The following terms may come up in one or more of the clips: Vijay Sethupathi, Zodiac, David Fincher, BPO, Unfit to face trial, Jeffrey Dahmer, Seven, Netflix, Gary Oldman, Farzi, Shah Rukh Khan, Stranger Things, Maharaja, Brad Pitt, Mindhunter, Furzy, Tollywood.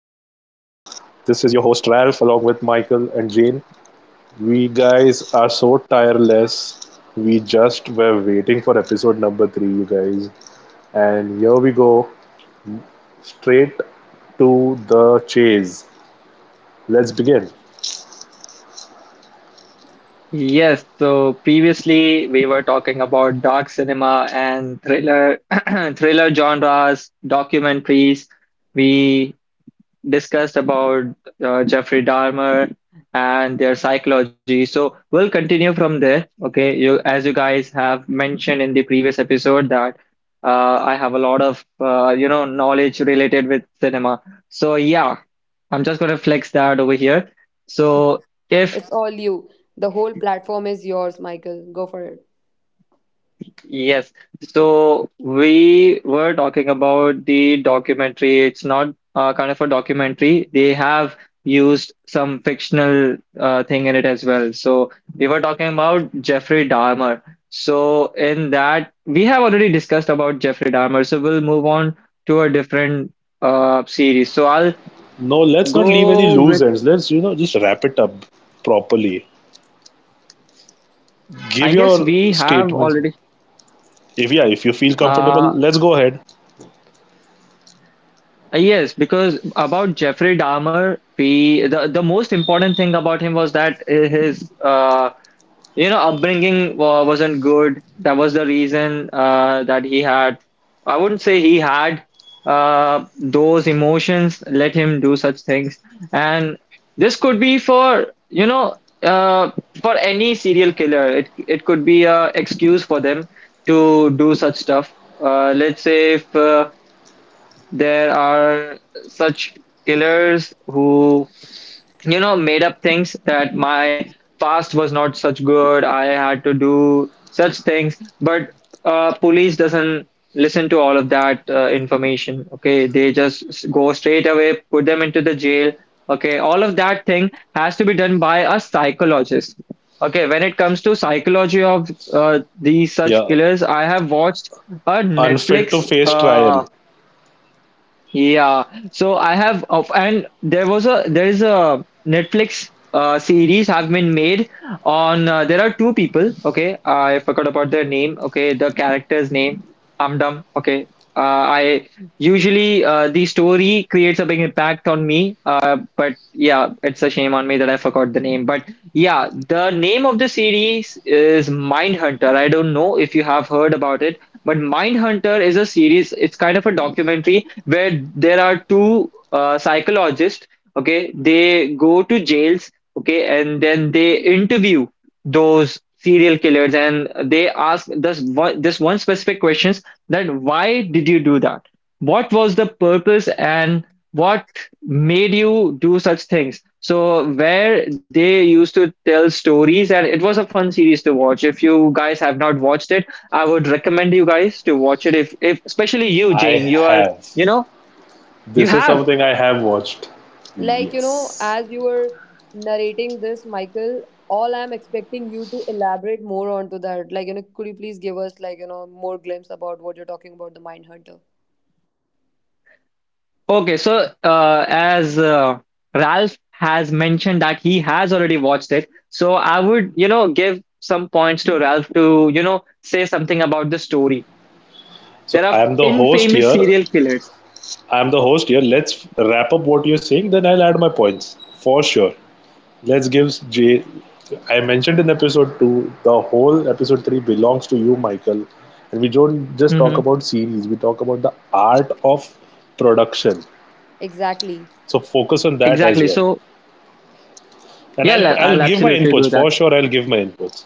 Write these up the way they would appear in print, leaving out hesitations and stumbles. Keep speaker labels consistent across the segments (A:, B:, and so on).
A: is your host Ralph along with Michael and Jane. We guys are so tireless. We just were waiting for episode number 3, you guys. And here we go, straight to the chase. Let's begin.
B: Yes, so previously we were talking about dark cinema and thriller thriller genres, documentaries. We discussed about Jeffrey Dahmer and their psychology. So we'll continue from there. Okay, you as you guys have mentioned in the previous episode that I have a lot of knowledge related with cinema. So yeah, I'm just gonna flex that over here. So if
C: It's all you. The whole platform is yours, Michael. Go for it.
B: Yes. So we were talking about the documentary. It's not kind of a documentary. They have used some fictional thing in it as well. So we were talking about Jeffrey Dahmer. So in that, we have already discussed about Jeffrey Dahmer. So we'll move on to a different series.
A: No, let's not leave any
B: Go
A: loose
B: with,
A: ends. Let's just wrap it up properly.
B: I
A: Give
B: guess
A: your
B: we have
A: statements.
B: already.
A: If yeah, if you feel comfortable,
B: Uh,
A: let's go ahead.
B: Yes, because about Jeffrey Dahmer, the most important thing about him was that his upbringing wa wasn't good. That was the reason that he had. I wouldn't say he had those emotions let him do such things. And this could be for for any serial killer. It could be a excuse for them to do such stuff. Let's say if there are such killers who, you know, made up things that my past was not such good. I had to do such things, but police doesn't listen to all of that information. Okay, they just go straight away, put them into the jail. Okay, all of that thing has to be done by a psychologist. Okay, when it comes to psychology of these such
A: Yeah.
B: killers, I have watched a
A: Unfit to
B: Netflix.
A: face trial.
B: Yeah, so I have of and there was a there is a Netflix series have been made on there are two people, okay? I forgot about their name, okay, the character's name. I'm dumb, okay. I usually The story creates a big impact on me, but yeah, it's a shame on me that I forgot the name. But yeah, the name of the series is Mindhunter. I don't know if you have heard about it, but Mindhunter is a series, it's kind of a documentary where there are two psychologists. Okay, they go to jails, okay, and then they interview those serial killers and they ask this one specific questions, that why did you do that, what was the purpose, and what made you do such things, so where they used to tell stories. And it was a fun series to watch. If you guys have not watched it, I would recommend you guys to watch it. If especially you,
A: I
B: Jane, you are
A: have.
B: you know, you
A: This is
B: have.
A: something I have watched.
C: Like, you know,
A: Yes.
C: as you were narrating this, Michael, all I'm expecting you to elaborate more onto that. Like, you know, could you please give us, like, you know, more glimpse about what you're talking about, the Mindhunter?
B: Okay, so as Ralph has mentioned that he has already watched it, so I would, you know, give some points to Ralph to, you know, say something about the story. There
A: So I
B: are
A: am the host
B: infamous
A: here.
B: serial killers.
A: I am the host here. Let's wrap up what you're saying, then I'll add my points for sure. Let's give Jay. I mentioned in episode two, the whole episode three belongs to you, Michael. And we don't just talk
B: hmm
A: about series, we talk about the art of production.
C: Exactly.
A: So focus on that as
B: Exactly.
A: well.
B: So,
A: And
B: yeah,
A: I'll
B: I'll
A: I'll
B: I'll
A: give my
B: absolutely
A: inputs
B: do that.
A: for sure. I'll give my inputs.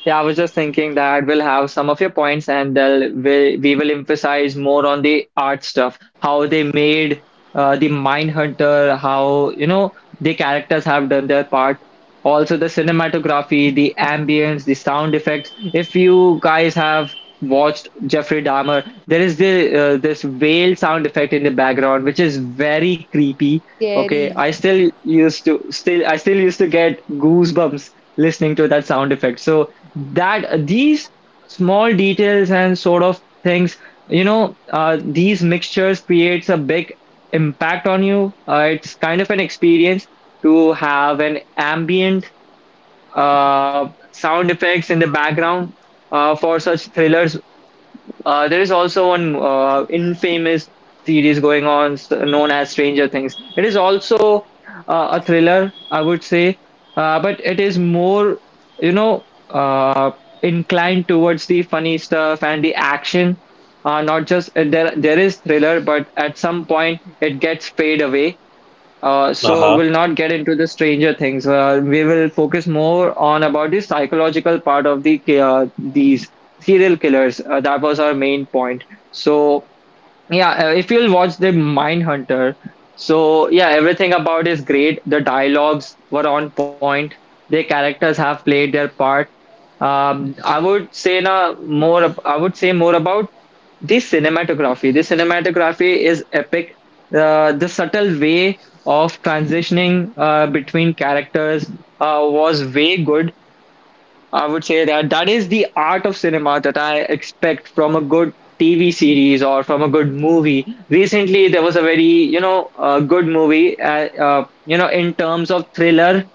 B: Yeah, I was just thinking that we'll have some of your points and we will emphasize more on the art stuff, how they made the Mindhunter, how, you know, the characters have done their part. Also, the cinematography, the ambience, the sound effects. If you guys have watched Jeffrey Dahmer, there is this whale sound effect in the background, which is very creepy. Okay,
C: Scary.
B: I still used to get goosebumps listening to that sound effect. So that these small details and sort of things, these mixtures creates a big impact on you. It's kind of an experience to have an ambient sound effects in the background for such thrillers. There is also one infamous series going on, known as Stranger Things. It is also a thriller, I would say, but it is more, you know, uh, inclined towards the funny stuff and the action. Not just there, there is thriller, but at some point it gets fade away.
A: Uh
B: So
A: huh.
B: we'll not get into the Stranger Things. We will focus more on about the psychological part of the these serial killers. That was our main point. So yeah, if you'll watch the Mindhunter, so yeah, everything about is great. The dialogues were on point. The characters have played their part. I would say more about the cinematography. The cinematography is epic. The subtle way of transitioning between characters was way good. I would say that that is the art of cinema that I expect from a good TV series or from a good movie. Recently, there was a good movie, in terms of thriller,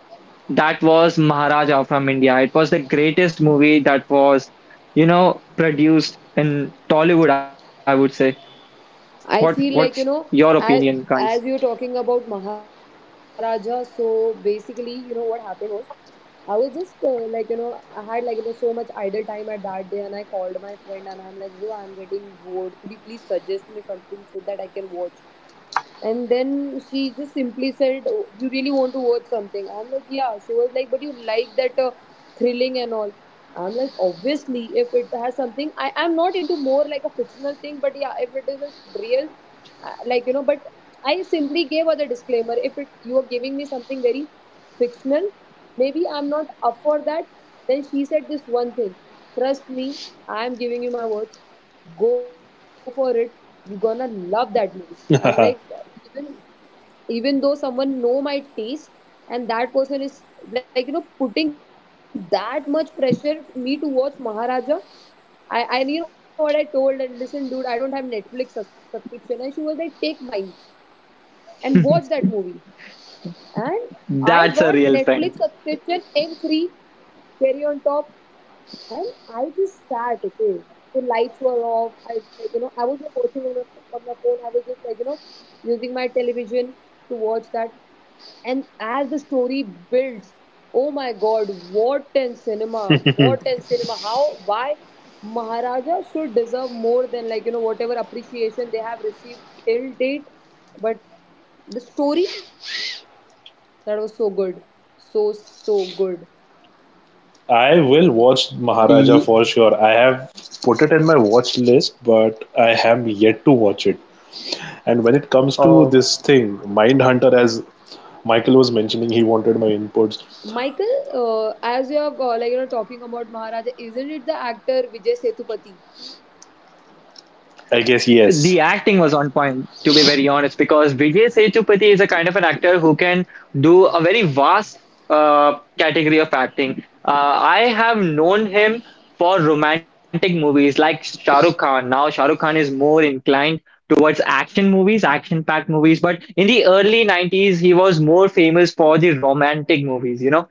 B: that was Maharaja from India. It was the greatest movie that was, you know, produced in Tollywood, I would say. What
C: I
B: what's
C: feel like, you
B: your
C: know,
B: opinion,
C: as,
B: guys?
C: as you're talking about Maharaja, so basically, you know, what happened was I was just like, you know, I had, like, you know, so much idle time at that day, and I called my friend and I'm like, bro, I'm getting bored. Could you please suggest me something so that I can watch? And then she just simply said, "Oh, you really want to watch something?" I'm like, "Yeah." She was like, "But you like that thrilling and all." I'm like, "Obviously, if it has something, I am not into more like a fictional thing, but yeah, if it is a real, like, you know, but I simply gave her the disclaimer. If it you are giving me something very fictional, maybe I'm not up for that." Then she said this one thing: "Trust me, I am giving you my words, go for it. You're gonna love that movie." I'm like, even even though someone know my taste, and that person is, like, you know, putting that much pressure me to watch Maharaja. I you know what I told and listen, dude, I don't have Netflix subscription. And she was like, take mine and watch that movie. And I
B: That's a
C: got
B: real friend.
C: Netflix subscription and free cherry on top. And I just sat, okay. So lights were off. I, like, you know, I was not watching on, a, on my phone. I was just, like, you know, using my television to watch that. And as the story builds, oh my God, what and cinema! What and cinema! How? Why? Maharaja should deserve more than, like, you know, whatever appreciation they have received till date. But the story, that was so good. So, so good.
A: I will watch Maharaja
B: Ye-
A: for sure. I have put it in my watch list, but I have yet to watch it. And when it comes to
B: oh.
A: this thing, Mindhunter, as Michael was mentioning, he wanted my inputs.
C: Michael, as you are like, you know, talking about Maharaja, isn't it the actor Vijay Sethupathi?
A: I guess
B: The
A: yes.
B: acting was on point, to be very honest, because Vijay Sethupathi is a kind of an actor who can do a very vast category of acting. I have known him for romantic movies like Shah Rukh Khan. Now, Shah Rukh Khan is more inclined towards action movies, action-packed movies, but in the early 90s, he was more famous for the romantic movies, you know.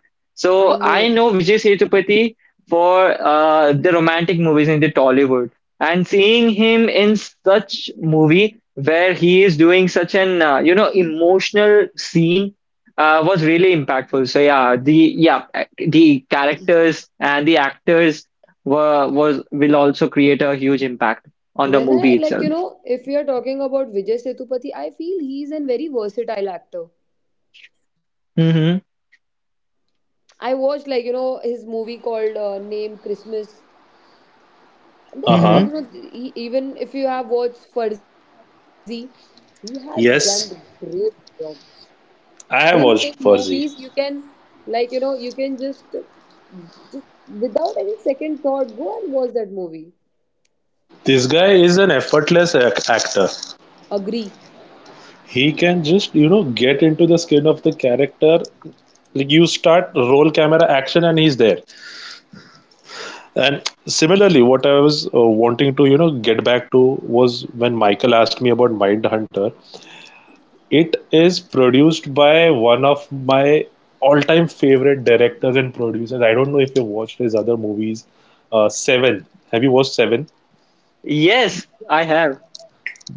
C: I
B: So I
C: know.
B: know Vijay Sethupathi for the romantic movies in the Tollywood, and seeing him in such movie where he is doing such an emotional scene was really impactful. Yeah, the characters and the actors were was will also create a huge impact on the
C: When I,
B: movie
C: like,
B: itself.
C: you know, if we are talking about Vijay Sethupathi, I feel he is a very versatile actor.
B: hmm
C: I watched, like, you know, his movie called Name Christmas. And
A: Uh
C: then, like,
A: huh.
C: you
B: hmm
C: know, he, even if you have watched Farzi, he has done the great
A: Yes,
C: job.
A: I
C: Him
A: have
C: in
A: watched
C: movies
A: Furzy.
C: you can, like, you know, you can just without any second thought go and watch that movie.
A: This guy is an effortless actor.
C: Agree.
A: He can just get into the skin of the character. Like you start roll camera action and he's there. And similarly, what I was wanting to, get back to was when Michael asked me about Mindhunter. It is produced by one of my all-time favorite directors and producers. I don't know if you've watched his other movies. Seven. Have you watched Seven?
B: yes, I have.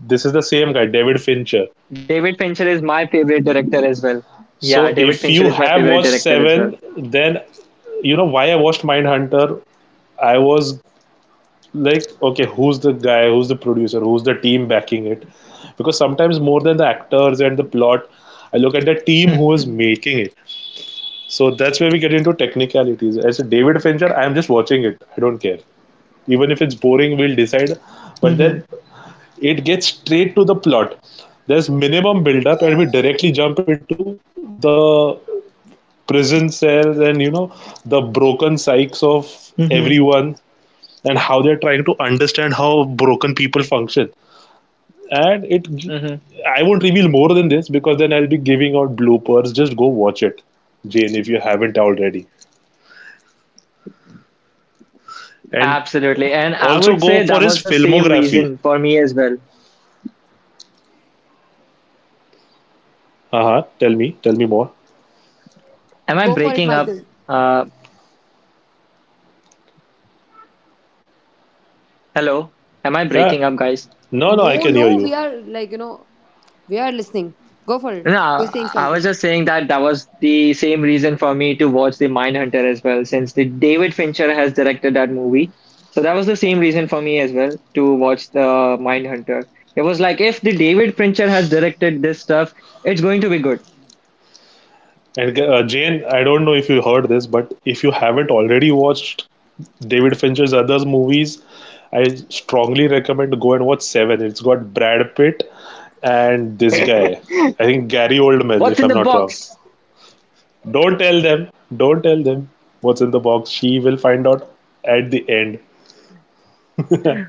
A: This is the same guy, David Fincher.
B: David Fincher is my favorite director as well. Yeah,
A: So
B: David
A: if you
B: Fincher is my
A: have
B: favorite
A: watched
B: director as well.
A: Seven, then you know why I watched Mindhunter. I was like, okay, who's the guy, who's the producer, who's the team backing it, because sometimes more than the actors and the plot I look at the team who is
B: hmm
A: making it. So that's where we get into technicalities. As a David Fincher, I'm just watching it, I don't care, even if it's boring we'll decide. But then
B: hmm
A: it gets straight to the plot. There's minimum build up and we directly jump into the prison cells and, you know, the broken psyches of
B: hmm
A: everyone and how they're trying to understand how broken people function. And it,
B: hmm
A: I won't reveal more than this because then I'll be giving out bloopers. Just go watch it, Jane, if you haven't already. And
B: Absolutely. And I
A: also
B: would
A: go
B: say that
A: for his
B: was the same
A: filmography.
B: reason for me as well.
A: Uh huh. Tell me more.
B: Am I
C: Go for it,
B: breaking up?
C: Michael.
B: Uh, Hello? Am I
A: Yeah.
B: breaking up, guys?
A: No, no, I
C: No,
A: can
C: no,
A: hear you.
C: we are, like, you know, we are listening. Go for it.
B: No,
C: You're saying
B: I
C: something.
B: was just saying that that was the same reason for me to watch the Mindhunter as well, since the David Fincher has directed that movie. So that was the same reason for me as well to watch the Mindhunter. It was like, if the David Fincher has directed this stuff, it's going to be good.
A: And Jane, I don't know if you heard this, but if you haven't already watched David Fincher's other movies, I strongly recommend to go and watch Seven. It's got Brad Pitt and this guy. I think Gary Oldman,
B: What's in
A: if
B: the
A: I'm not wrong.
B: box?
A: Don't tell them. Don't tell them what's in the box. She will find out at the end.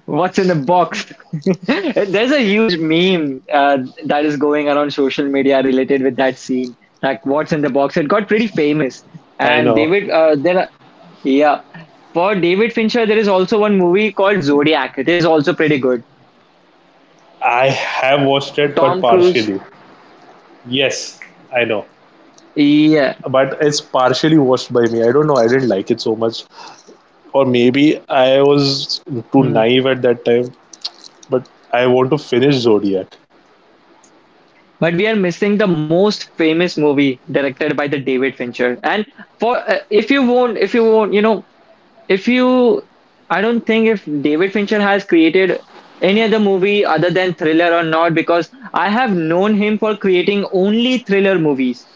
B: What's in the box? There's a huge meme that is going around social media related with that scene. Like, what's in the box? It got pretty famous.
A: I
B: And
A: know.
B: David, there, are, yeah, For David Fincher, there is also one movie called Zodiac. It is also pretty good.
A: I have watched it, but partially. Yes, I know.
B: Yeah.
A: But it's partially watched by me. I don't know. I didn't like it so much. Or maybe I was too
B: Hmm.
A: naive at that time. But I want to finish Zodiac.
B: But we are missing the most famous movie directed by the David Fincher. And for if you won't, you know, If you, I don't think if David Fincher has created any other movie other than thriller or not, because I have known him for creating only thriller movies.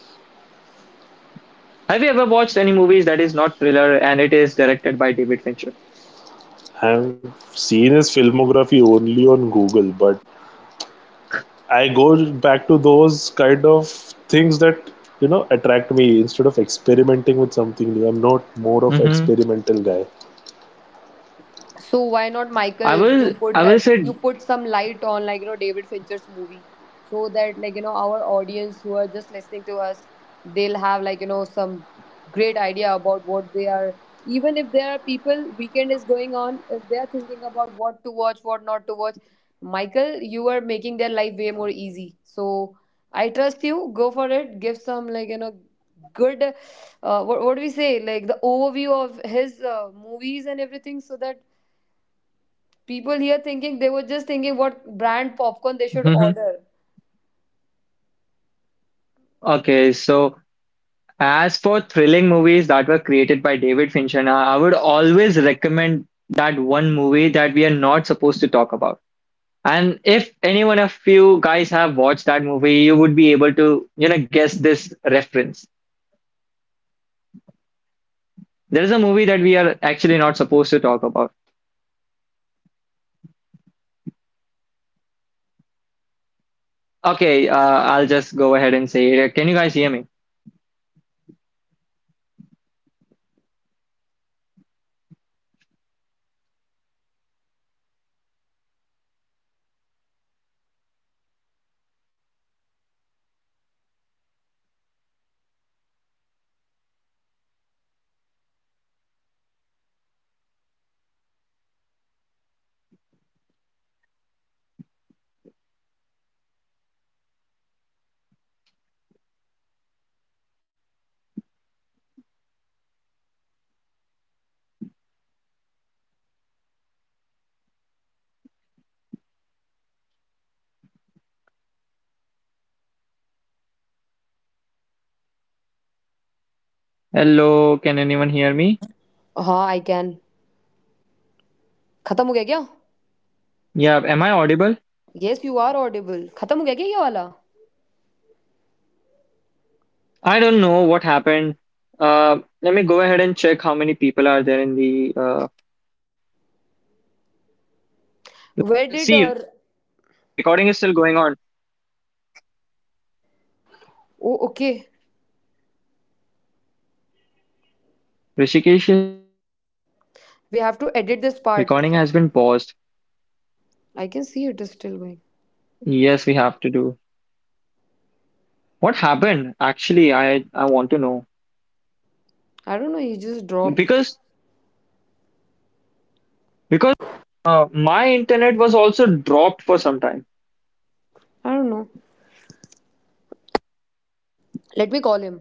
B: Have you ever watched any movies that is not thriller and it is directed by David Fincher?
A: I've seen his filmography only on Google, but I go back to those kind of things that you know attract me instead of experimenting with something new. I'm not more of an
B: Mm-hmm.
A: experimental guy.
C: So why not, Michael? You put
B: I will
C: that,
B: say,
C: you put some light on, like, you know, David Fincher's movie, so that, like, you know, our audience who are just listening to us, they'll have, like, you know, some great idea about what they are. Even if there are people, weekend is going on, if they are thinking about what to watch, what not to watch, Michael, you are making their life way more easy. So I trust you, go for it, give some, like, you know, good what do we say, like, the overview of his movies and everything, so that people here thinking, they were just thinking what brand popcorn they should
B: hmm
C: order.
B: okay, so as for thrilling movies that were created by David Fincher, now, I would always recommend that one movie that we are not supposed to talk about. And if any one of you guys have watched that movie, you would be able to, you know, guess this reference. There is a movie that we are actually not supposed to talk about. Okay, I'll just go ahead and say it. Can you guys hear me? Hello, can anyone hear me?
C: हाँ, I can. खत्म हो गया क्या?
B: Yeah, am I audible?
C: Yes, you are audible. खत्म हो गया क्या ये वाला?
B: I don't know what happened. Let me go ahead and check how many people are there in the.
C: Where did और.
B: See, recording is still going on.
C: Oh okay. We have to edit this part. I can see it is still going. I don't know, he just dropped. I don't know. Let me call him.